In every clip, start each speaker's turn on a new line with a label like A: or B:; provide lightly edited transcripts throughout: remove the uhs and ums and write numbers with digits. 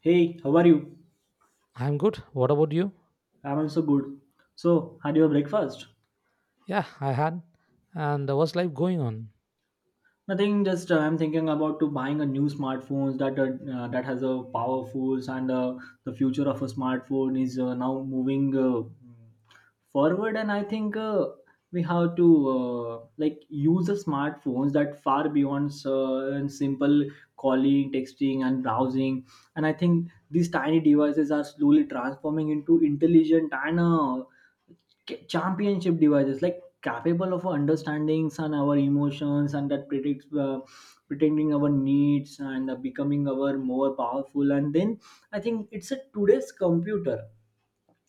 A: Hey, how are you?
B: I'm good. What about you?
A: I'm also good. So, had your breakfast?
B: Yeah, I had. And there was life going on?
A: Nothing. Just I'm thinking about to buying a new smartphone that that has a powerful and the future of a smartphone is now moving forward. And I think we have to like use the smartphones that far beyond and simple calling, texting, and browsing. And I think these tiny devices are slowly transforming into intelligent and championship devices, like capable of understandings and our emotions and that predicts pretending our needs and becoming our more powerful. And then I think it's a today's computer,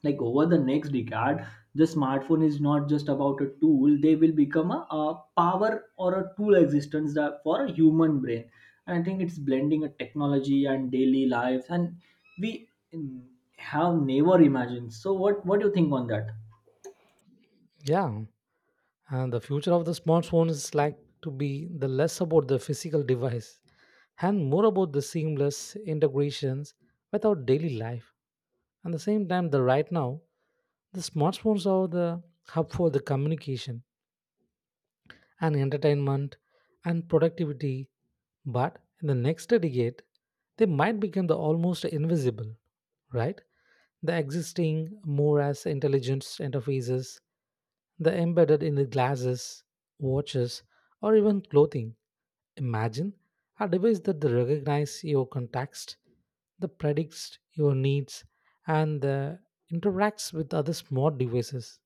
A: like over the next decade the smartphone is not just about a tool, they will become a power or a tool existence that for a human brain. And I think it's blending a technology and daily life and we mm, have never imagined. So what do you think on that?
B: Yeah. And the future of the smartphone is like to be the less about the physical device and more about the seamless integrations with our daily life. At the same time, the right now, the smartphones are the hub for the communication and entertainment and productivity, but in the next decade, they might become the almost invisible, right? The existing more as intelligence interfaces, the embedded in the glasses, watches, or even clothing. Imagine a device that recognizes your context, that predicts your needs, and interacts with other smart devices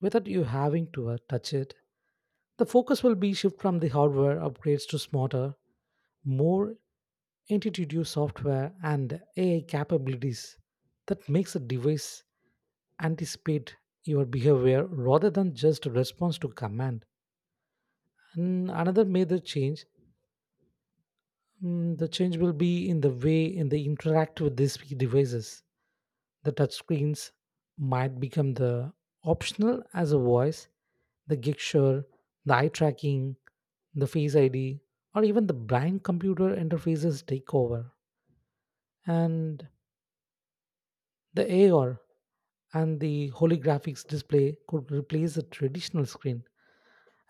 B: without you having to touch it. The focus will be shift from the hardware upgrades to smarter, more intuitive software and AI capabilities that makes the device anticipate your behavior rather than just response to command. And another major change, the change will be in the way in the interact with these devices. The touchscreens might become the optional as a voice the gesture, the eye tracking, the Face ID, or even the brain computer interfaces take over. And the AR and the holographics display could replace the traditional screen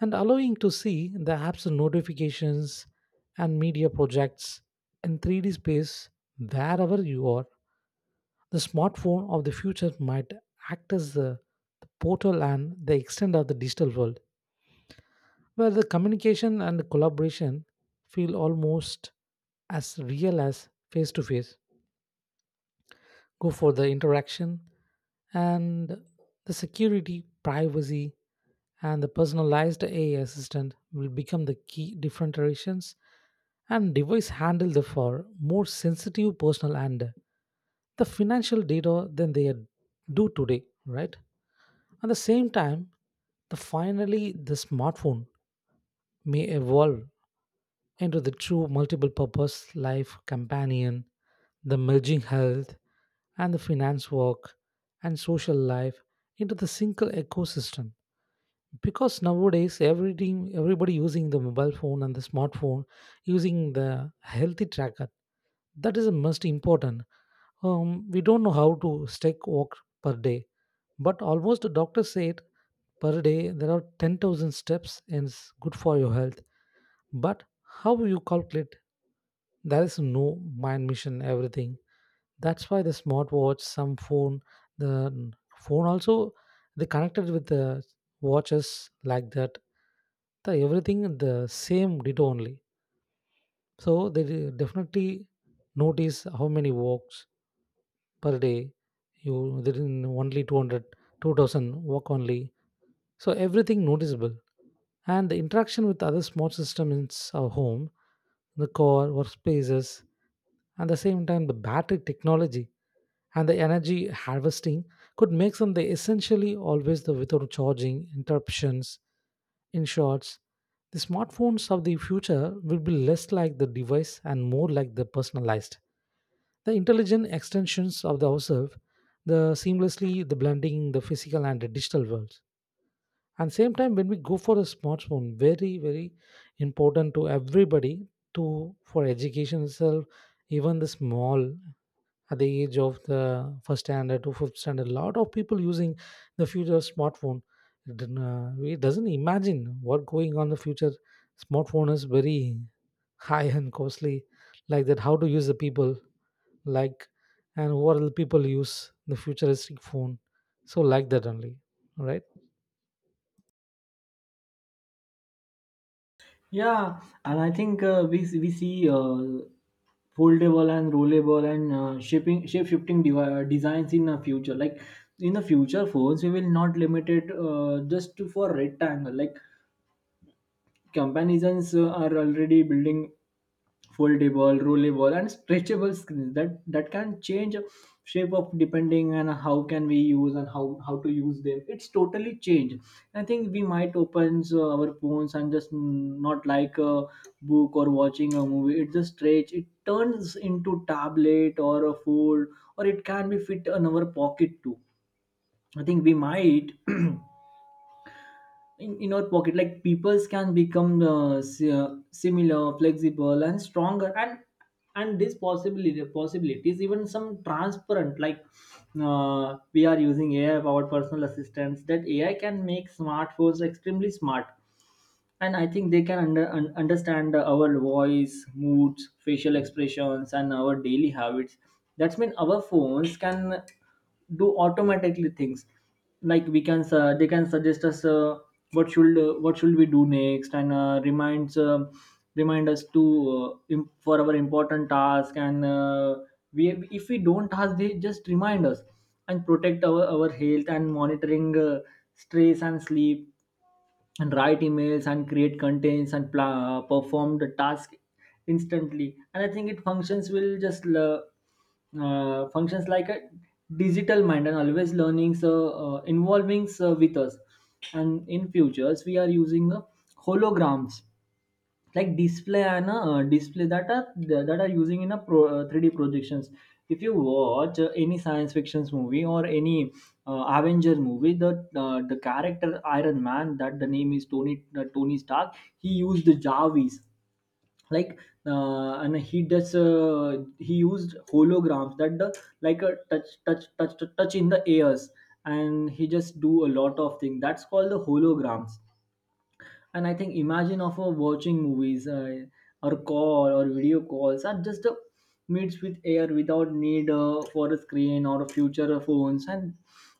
B: and allowing to see the apps and notifications and media projects in 3D space wherever you are. The smartphone of the future might act as the portal and the extent of the digital world, where the communication and collaboration feel almost as real as face to face. Go for the interaction and the security, privacy, and the personalized AI assistant will become the key differentiations and device handle the for more sensitive personal and the financial data than they do today, right? At the same time, the finally the smartphone may evolve into the true multiple purpose life companion, the merging health and the finance work and social life into the single ecosystem. Because nowadays everything everybody using the mobile phone and the smartphone using the healthy tracker. That is the most important. We don't know how to stake walk per day. But almost the doctor said per day there are 10,000 steps and it's good for your health. But how you calculate? There is no mind mission everything. That's why the smartwatch, some phone, the phone also they connected with the watches like that. The everything the same data only. So they definitely notice how many walks per day. You they didn't only 200 2000 walk only. So everything noticeable. And the interaction with other smart systems in our home, the car, workspaces, and the same time the battery technology and the energy harvesting could make them the essentially always the without charging interruptions in short, the smartphones of the future will be less like the device and more like the personalized the intelligent extensions of the ourselves the seamlessly the blending the physical and the digital worlds and same time when we go for a smartphone very very important to everybody to for education itself even the small at the age of the first standard to fifth standard, a lot of people using the future smartphone. It didn't, we doesn't imagine what going on the future. Smartphone is very high and costly, like that. How to use the people like, and what will people use the futuristic phone? So like that only, right?
A: Yeah, and I think we see foldable and rollable and shaping shape shifting designs in the future. Like in the future, phones we will not limit it just to for rectangle. Like comparisons are already building foldable, rollable, and stretchable screens that can change shape of depending on how can we use and how to use them. It's totally changed. I think we might open our phones and just not like a book or watching a movie. It's a stretch. It turns into tablet or a fold, or it can be fit in our pocket too. I think we might in our pocket, like peoples can become similar flexible and stronger and this possibility possibilities, even some transparent, like we are using AI, our personal assistants, that AI can make smartphones extremely smart. And I think they can understand our voice moods, facial expressions, and our daily habits. That's mean our phones can do automatically things, like we can they can suggest us what should we do next, and remind us to for our important task. And we, if we don't task they just remind us, and protect our health, and monitoring stress and sleep, and write emails and create contents, and perform the task instantly. And I think it functions will just functions like a digital mind and always learning, so involving so with us. And in futures we are using holograms, like display and display that are using in a 3D projections. If you watch any science fictions movie or any avenger movie, the character Iron Man, that the name is Tony Stark, he used the Jarvis like. And he does, he used holograms that the, like a touch in the airs, and he just do a lot of things that's called the holograms. And I think imagine of watching movies, or call or video calls are just meets with air without need for a screen or a future of phones. And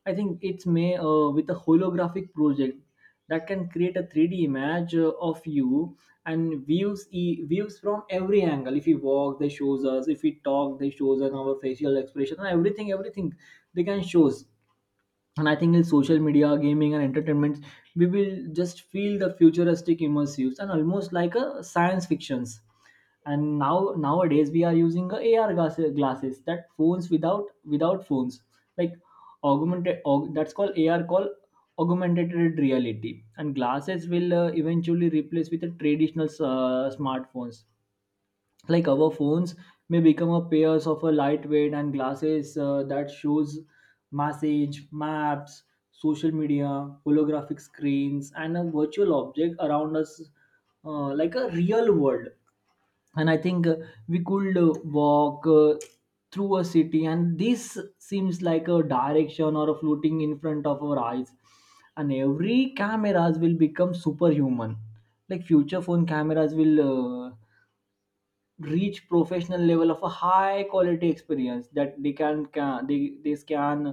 A: I think it's may with a holographic project that can create a 3D image of you and views views from every angle. If we walk, they shows us. If we talk, they shows us our facial expression and everything. Everything they can shows. And I think in social media, gaming, and entertainment we will just feel the futuristic immersives and almost like a science fictions. And now nowadays we are using a AR glasses, that phones without phones, like augmented that's called AR, called augmented reality, and glasses will eventually replace with the traditional smartphones. Like our phones may become a pairs of a lightweight and glasses that shows message maps, social media, holographic screens, and a virtual object around us, like a real world. And I think we could walk through a city and this seems like a direction or a floating in front of our eyes. And every cameras will become superhuman, like future phone cameras will uh, reach professional level of a high quality experience, that they scan,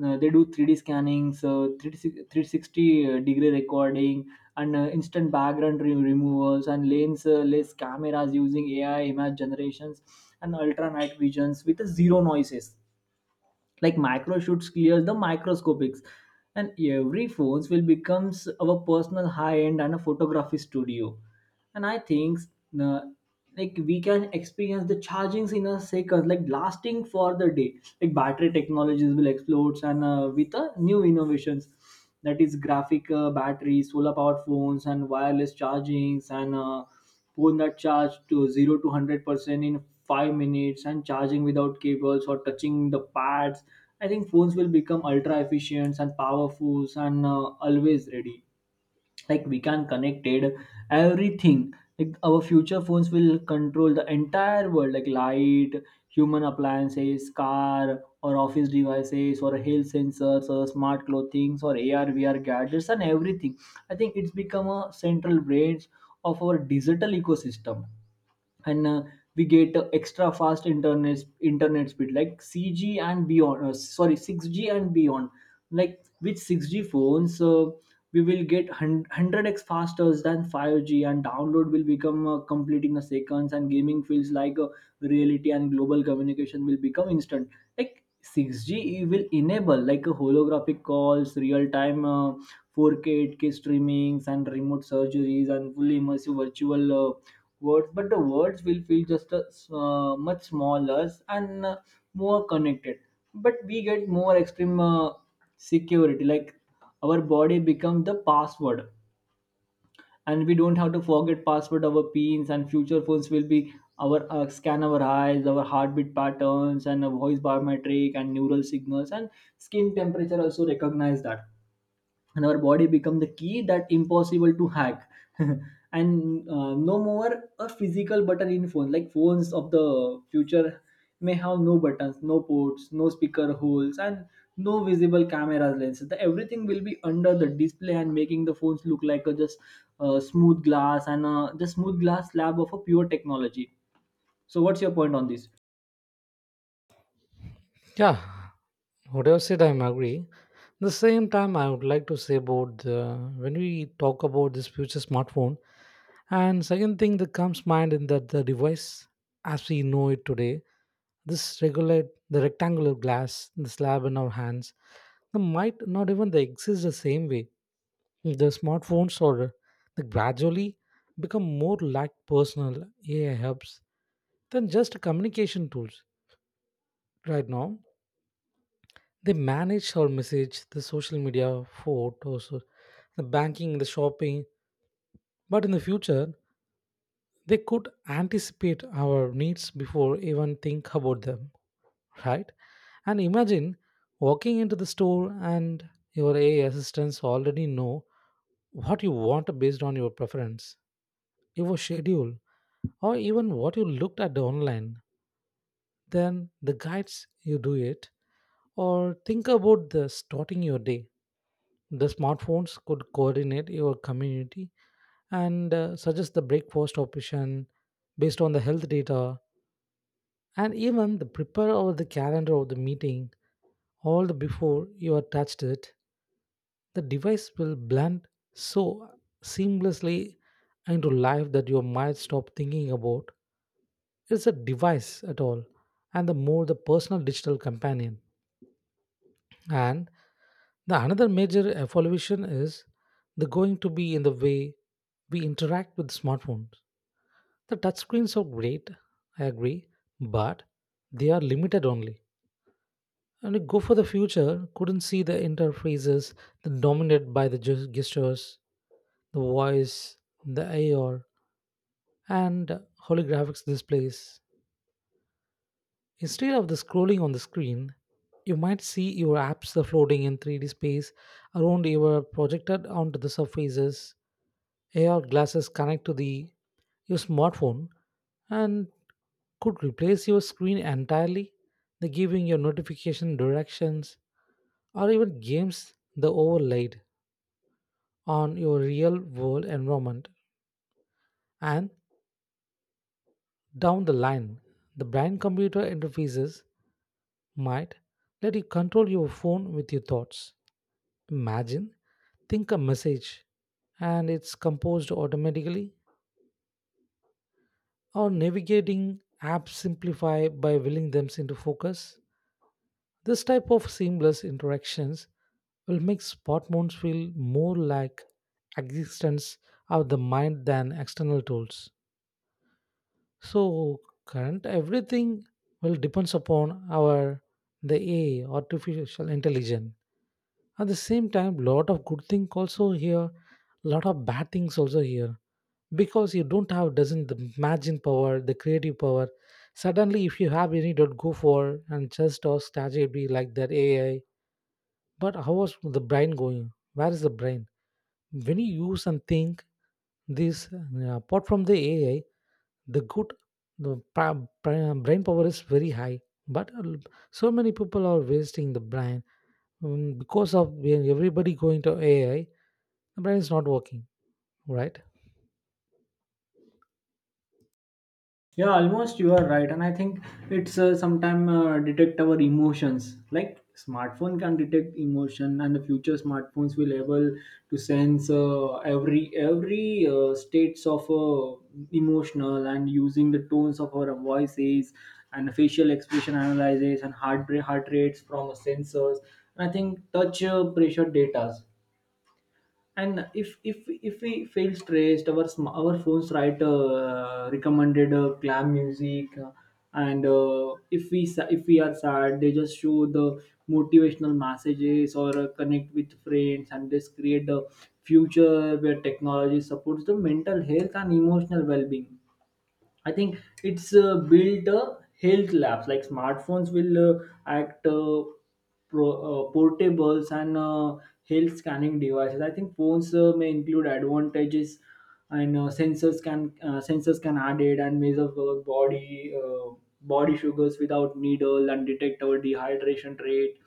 A: they do 3D scanning, so 360 degree recording, and instant background removals, and lens less cameras using AI image generations, and ultra night visions with zero noises, like micro shoots clears the microscopics. And every phones will becomes our personal high end and a photography studio. And I think uh, like we can experience the chargings in a second, like lasting for the day, like battery technologies will explode and with new innovations, that is graphic batteries, solar powered phones, and wireless chargings, and phone that charge to 0 to 100% in 5 minutes, and charging without cables or touching the pads. I think phones will become ultra efficient and powerful and always ready, like we can connected everything, like our future phones will control the entire world like light, human appliances, car or office devices, or health sensors, or smart clothing, or AR VR gadgets, and everything. I think it's become a central branch of our digital ecosystem. And we get extra fast internet speed, like CG and beyond. Sorry, 6G and beyond. Like with 6G phones, we will get 100x faster than 5G, and download will become complete in a seconds, and gaming feels like a reality, and global communication will become instant. Like 6G will enable like a holographic calls, real time 4K 8K streamings and remote surgeries, and fully immersive virtual words, but the words will feel just much smaller and more connected. But we get more extreme security, like our body become the password and we don't have to forget password our pins, and future phones will be our, scan our eyes, our heartbeat patterns, and a voice biometric, and neural signals, and skin temperature also recognize that, and our body become the key that impossible to hack and no more a physical button in phone, like phones of the future may have no buttons, no ports, no speaker holes, and no visible camera lenses, everything will be under the display, and making the phones look like a just smooth glass and the smooth glass slab of a pure technology. So what's your point on this?
B: Yeah, whatever said, I'm agree. The same time, I would like to say about the, when we talk about this future smartphone, and second thing that comes mind in that the device as we know it today, this regular the rectangular glass, the slab in our hands, they might not even they exist the same way. The smartphones or they gradually become more like personal AI helps than just communication tools right now. They manage our message, the social media, photos, the banking, the shopping. But in the future, they could anticipate our needs before even think about them, right? And imagine walking into the store and your AI assistants already know what you want based on your preference, your schedule, or even what you looked at online. Then the guides you do it or think about the starting your day. The smartphones could coordinate your community and suggest the breakfast option based on the health data and even the prepare of the calendar of the meeting all the before you have touched it. The device will blend so seamlessly into life that you might stop thinking about it's a device at all and the more the personal digital companion. And the another major evolution is the going to be in the way we interact with smartphones. The touchscreens are great, I agree, but they are limited only. And we go for the future, couldn't see the interfaces that dominated by the gestures, the voice, the AR, and holographics displays. Instead of the scrolling on the screen, you might see your apps are floating in 3D space around your projected onto the surfaces. AR glasses connect to the your smartphone and could replace your screen entirely, the giving your notification directions or even games the overlaid on your real world environment. And down the line, the brain computer interfaces might let you control your phone with your thoughts. Imagine, think a message and it's composed automatically, or navigating apps simplify by willing them into focus. This type of seamless interactions will make spot feel more like existence of the mind than external tools. So current everything will depends upon our the AI artificial intelligence. At the same time, lot of good thing also here, lot of bad things also here. Because you don't have doesn't the imagine power the creative power suddenly if you have any dot go for and just ask ChatGPT like that AI. But how was the brain going? Where is the brain when you use and think this apart from the AI the good the brain power is very high but so many people are wasting the brain, because of when everybody going to AI the brain is not working, right?
A: Yeah, almost you are right, and I think it's sometime detect our emotions. Like smartphone can detect emotion, and the future smartphones will able to sense every states of emotional and using the tones of our voices and facial expression analysis, and heart rates from sensors. And I think touch pressure data, and if we feel stressed, our our phones write recommended glam music, and if we if we are sad, they just show the motivational messages or connect with friends, and this create the future where technology supports the mental health and emotional well-being. I think it's built a health labs. Like smartphones will act portables and health scanning devices. I think phones may include advantages and sensors can added and measure our body sugars without needle, and detect our dehydration rate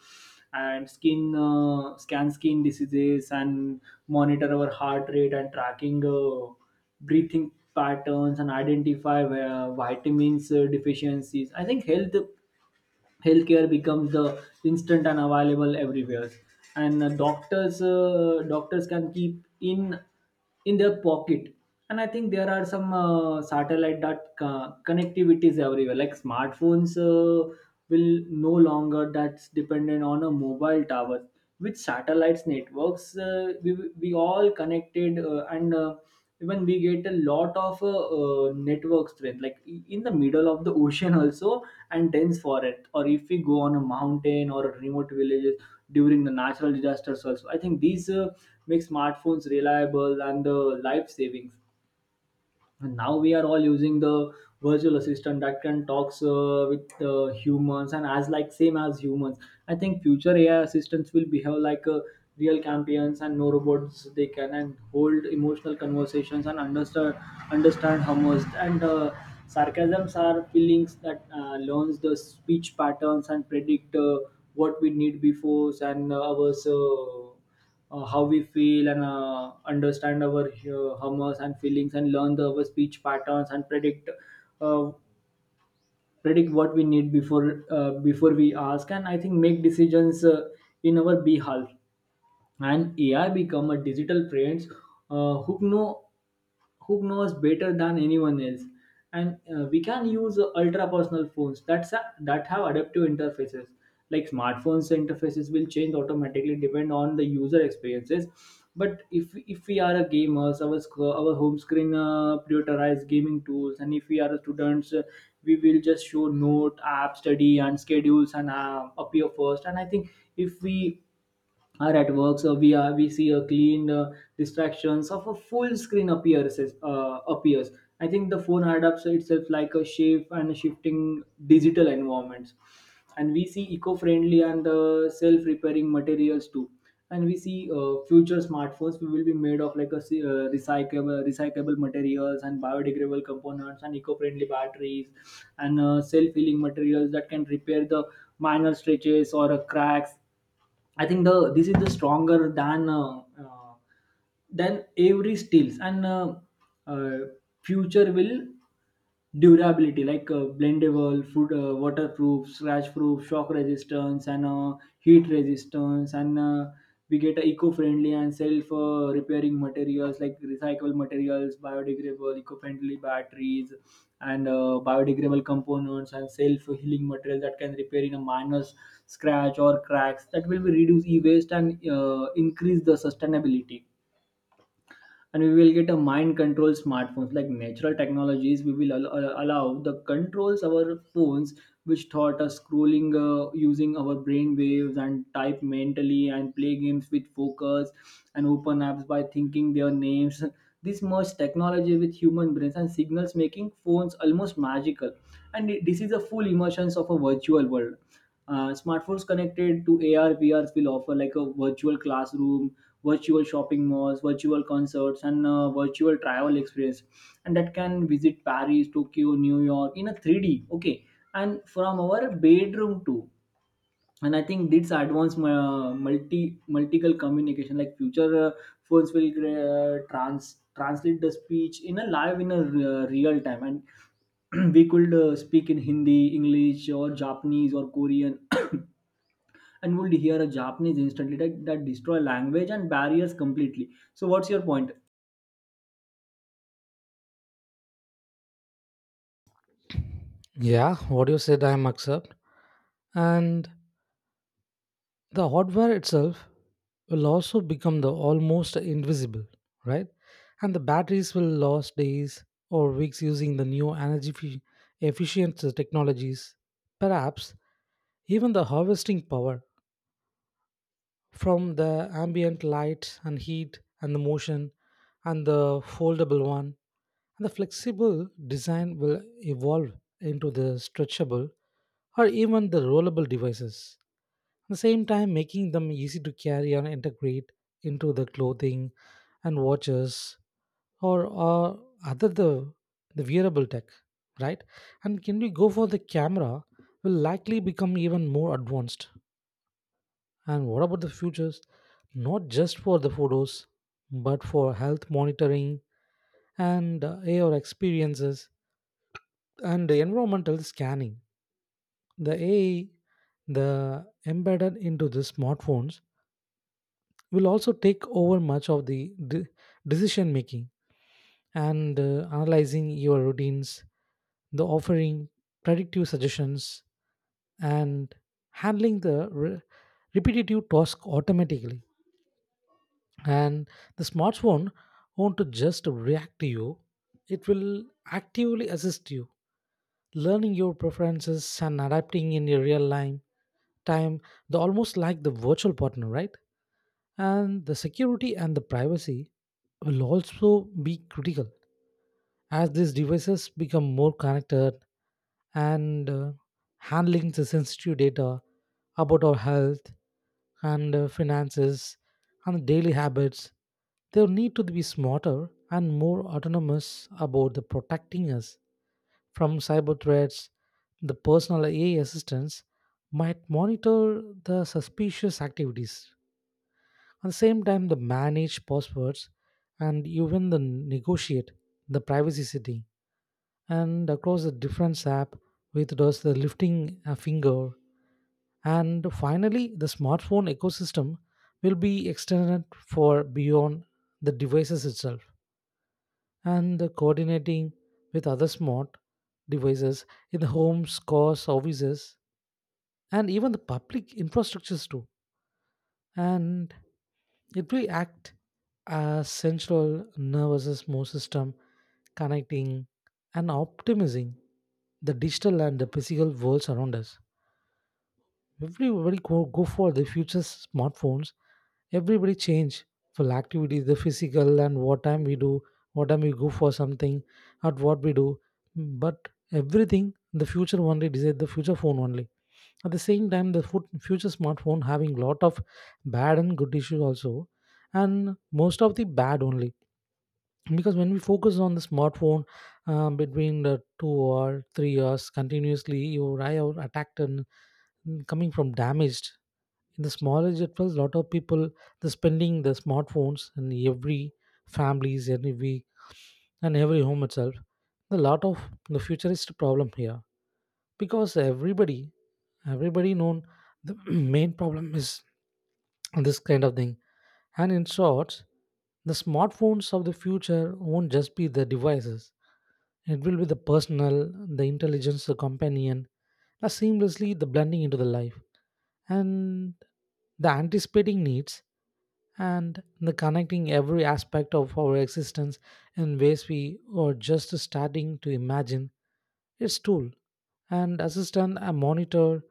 A: and skin scan skin diseases, and monitor our heart rate and tracking. Breathing patterns and identify where vitamins deficiencies. I think healthcare becomes the instant and available everywhere, and doctors can keep in their pocket. And I think there are some satellite dot co- connectivities everywhere. Like smartphones will no longer that's dependent on a mobile tower. With satellites networks, we all connected, and even we get a lot of network strength, like in the middle of the ocean also, and dense forest, or if we go on a mountain or a remote villages. During the natural disasters also, I think these make smartphones reliable and life saving. And now we are all using the virtual assistant that can talks with humans and as like same as humans. I think future AI assistants will behave like real champions and no robots. They can and hold emotional conversations and understand understand humors and sarcasms are feelings, that learns the speech patterns and predict what we need before, and our how we feel, and understand our humors and feelings, and learn our speech patterns and predict, uh, predict what we need before, before we ask. And I think make decisions in our behalf, and AI become a digital friends uh, who know who knows better than anyone else. And we can use ultra personal phones that have adaptive interfaces. Like smartphones interfaces will change automatically depend on the user experiences. But if we are a gamers, our home screen prioritize gaming tools. And if we are students, we will just show note, app, study, and schedules, and appear first. And I think if we are at work, so we see a clean distractions of a full screen appears. I think the phone adapts itself like a shape and shifting digital environments. And we see eco-friendly and self-repairing materials too. And we see future smartphones we will be made of, like a se- recyclable recyclable materials, and biodegradable components, and eco-friendly batteries, and self-healing materials that can repair the minor stretches or cracks. I think the this is the stronger than uh, then every steals, and uh, future will durability, like blendable food waterproof scratch proof shock resistance, and heat resistance, and we get a eco-friendly and self repairing materials, like recyclable materials, biodegradable eco-friendly batteries, and biodegradable components, and self healing materials that can repair in a minor scratch or cracks, that will be reduce e-waste and increase the sustainability. And we will get a mind control smartphones, like natural technologies we will allow the controls our phones, which taught us scrolling using our brain waves, and type mentally, and play games with focus, and open apps by thinking their names. This merge technology with human brains and signals, making phones almost magical. And this is a full immersion of a virtual world. Smartphones connected to AR, VRs will offer like a virtual classroom, virtual shopping malls, virtual concerts, and virtual travel experience. And that can visit Paris, Tokyo, New York in a 3D. Okay, and from our bedroom too. And I think this advanced multiple communication, like future phones will translate the speech in a live in a real time, and we could speak in Hindi, English, or Japanese, or Korean. And would hear a Japanese instantly, that destroy language and barriers completely. So what's your point?
B: Yeah, what you said I am accept. And the hardware itself will also become the almost invisible, right? And the batteries will last days or weeks using the new energy efficient technologies. Perhaps even the harvesting power from the ambient light and heat and the motion and the foldable one and the flexible design will evolve into the stretchable or even the rollable devices. At the same time making them easy to carry and integrate into the clothing and watches or other the wearable tech, right? And can we go for the camera will likely become even more advanced and what about the futures not just for the photos but for health monitoring and AR experiences and the environmental scanning the AI the embedded into the smartphones will also take over much of the decision making and analyzing your routines, the offering predictive suggestions, and handling the repetitive task automatically. And the smartphone won't just react to you, it will actively assist you, learning your preferences and adapting in your real life time, the almost like the virtual partner, right? And the security and the privacy will also be critical as these devices become more connected and handling the sensitive data about our health and finances and daily habits. They need to be smarter and more autonomous about the protecting us from cyber threats. The personal AI assistants might monitor the suspicious activities at the same time, the manage passwords and even the negotiate the privacy setting and across the different app with just the lifting a finger. And finally, the smartphone ecosystem will be extended for beyond the devices itself and the coordinating with other smart devices in the homes, cars, offices, and even the public infrastructures too and it will act as central nervous system connecting and optimizing the digital and the physical worlds around us. Everybody go for the future smartphones. Everybody change for activities, the physical and what time we do, what time we go for something, at what we do. But everything, the future only decide the future phone only at the same time, the future smartphone having lot of bad and good issues also, and most of the bad only. Because when we focus on the smartphone between the 2 or 3 years continuously, your eye are attacked and coming from damaged. In the smallest it was lot of people the spending the smartphones in every families every week and every home itself. The lot of the futurist problem here because everybody known the main problem is this kind of thing and in short the smartphones of the future won't just be the devices it will be the personal the intelligence the companion that seamlessly the blending into the life and the anticipating needs and the connecting every aspect of our existence in ways we are just starting to imagine its tool and assistant a monitor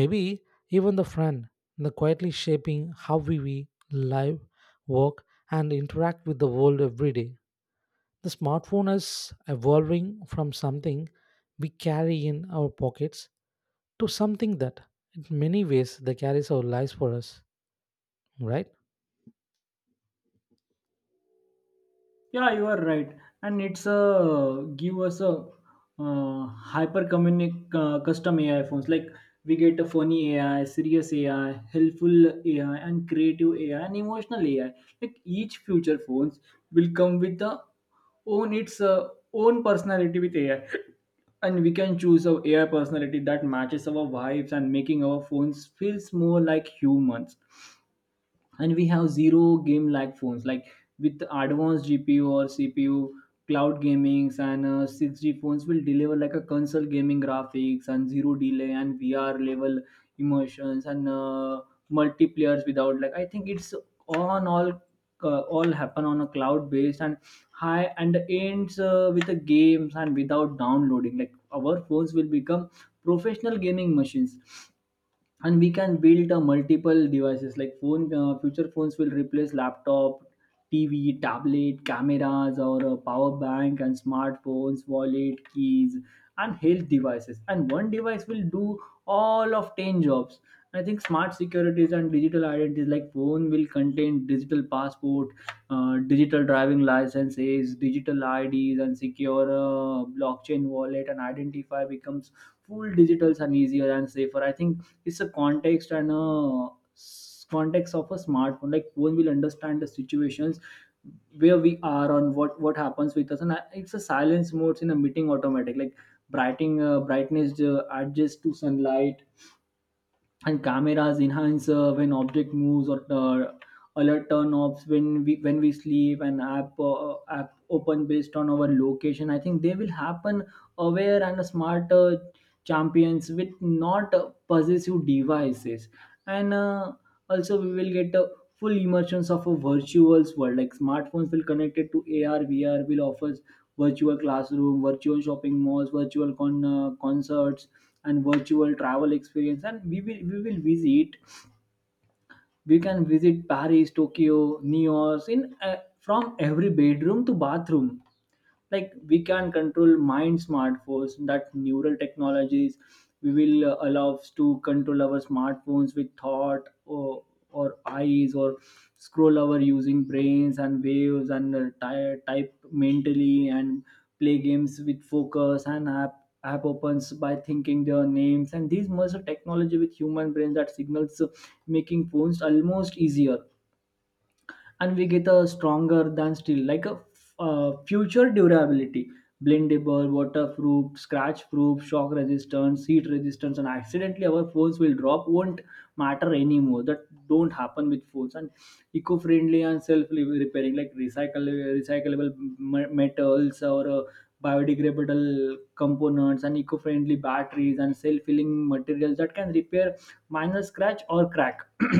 B: maybe even the friend the quietly shaping how we live work and interact with the world every day the smartphone is evolving from something we carry in our pockets to something that, in many ways, that carries our lives for us, right?
A: Yeah, you are right. And it's a give us a uh, hyper communic custom AI phones. Like we get a funny AI, serious AI, helpful AI, and creative AI, and emotional AI. Like each future phones will come with a own its uh, own personality with AI, and we can choose a AI personality that matches our vibes, and making our phones feels more like humans. And we have zero game lag phones, like with advanced gpu or cpu cloud gamings, and 6G phones will deliver like a console gaming graphics, and zero delay, and vr level immersions, and multiplayers, without, like, I think it's on all happen on a cloud based, and high and ends with the games, and without downloading, like our phones will become professional gaming machines. And we can build multiple devices, like phone future phones will replace laptop, tv, tablet, cameras, or a power bank, and smartphones, wallet, keys, and health devices. And one device will do all of 10 jobs. I think smart securities and digital identities, like phone will contain digital passport, digital driving licenses, digital ids, and secure blockchain wallet, and identify becomes full digitals, and easier, and safer. I think it's a context of a smartphone, like phone will understand the situations where we are on, what happens with us. And it's a silence modes in a meeting automatic, like brightening brightness adjust to sunlight, and cameras enhance when object moves, or alert turn offs when we sleep, and app open based on our location. I think they will happen aware and smart champions, with not possessive devices. And also we will get full immersions of a virtual world. Like smartphones will connected to AR, VR will offers virtual classroom, virtual shopping malls, concerts, and virtual travel experience. And we will visit. We can visit Paris, Tokyo, New York in from every bedroom to bathroom. Like we can control mind smartphones, that neural technologies we will allow us to control our smartphones with thought, or eyes, or scroll our using brains and waves, and type mentally, and play games with focus, and app opens by thinking their names. And these merge a technology with human brains, that signals making phones almost easier. And we get a stronger than steel, like a future durability, blendable, waterproof, scratch proof, shock resistance, heat resistance. And accidentally our phones will drop won't matter anymore, that don't happen with phones. And eco-friendly and self-repairing, like recyclable metals, or biodegradable components, and eco-friendly batteries, and self-filling materials that can repair minor scratch or crack.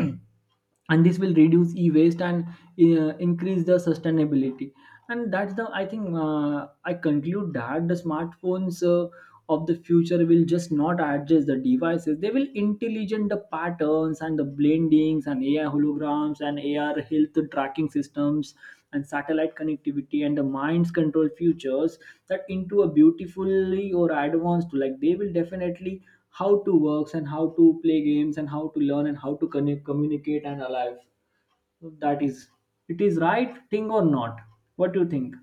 A: And this will reduce e-waste, and increase the sustainability. And that's the, I think, I conclude that the smartphones of the future will just not adjust the devices. They will intelligent the patterns, and the blade blendings, and AI holograms, and AR health tracking systems, and satellite connectivity, and the mind's control futures, that into a beautifully or advanced, like they will definitely how to works, and how to play games, and how to learn, and how to connect, communicate, and alive. So, that is, it is right thing or not? What do you think?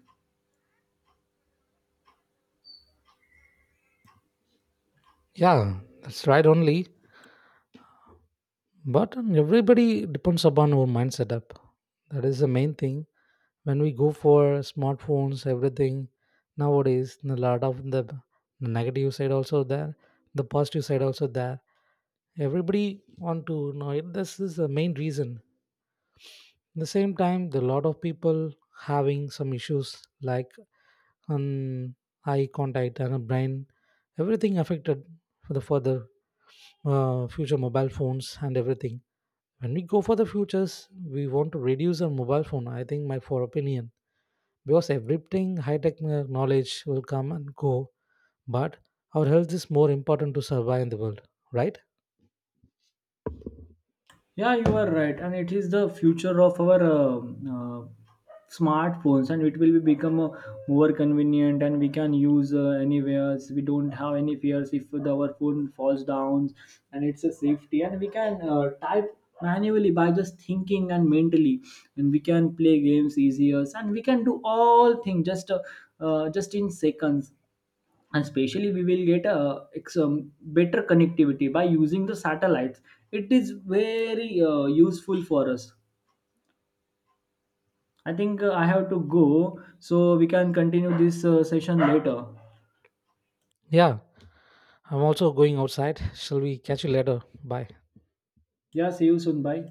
B: Yeah, that's right only. But everybody depends upon our mind setup. That is the main thing. When we go for smartphones, everything nowadays, a lot of the negative side also there, the positive side also there. Everybody want to know it. This is the main reason at the same time the lot of people having some issues like um, eye contact and a brain everything affected for the further future mobile phones and everything when we go for the futures we want to reduce our mobile phone I think my for opinion because everything high tech knowledge will come and go but our health is more important to survive in the world, right?
A: Yeah, you are right, and it is the future of our smartphones, and it will be become more convenient, and we can use anywhere. We don't have any fears if our phone falls down, and it's a safety. And we can type manually by just thinking and mentally, and we can play games easier, and we can do all things just in seconds. And especially we will get a better connectivity by using the satellites. It is very useful for us. I think, I have to go, so we can continue this session later.
B: Yeah, I'm also going outside, shall we catch you later, bye.
A: Yeah, see you soon. Bye.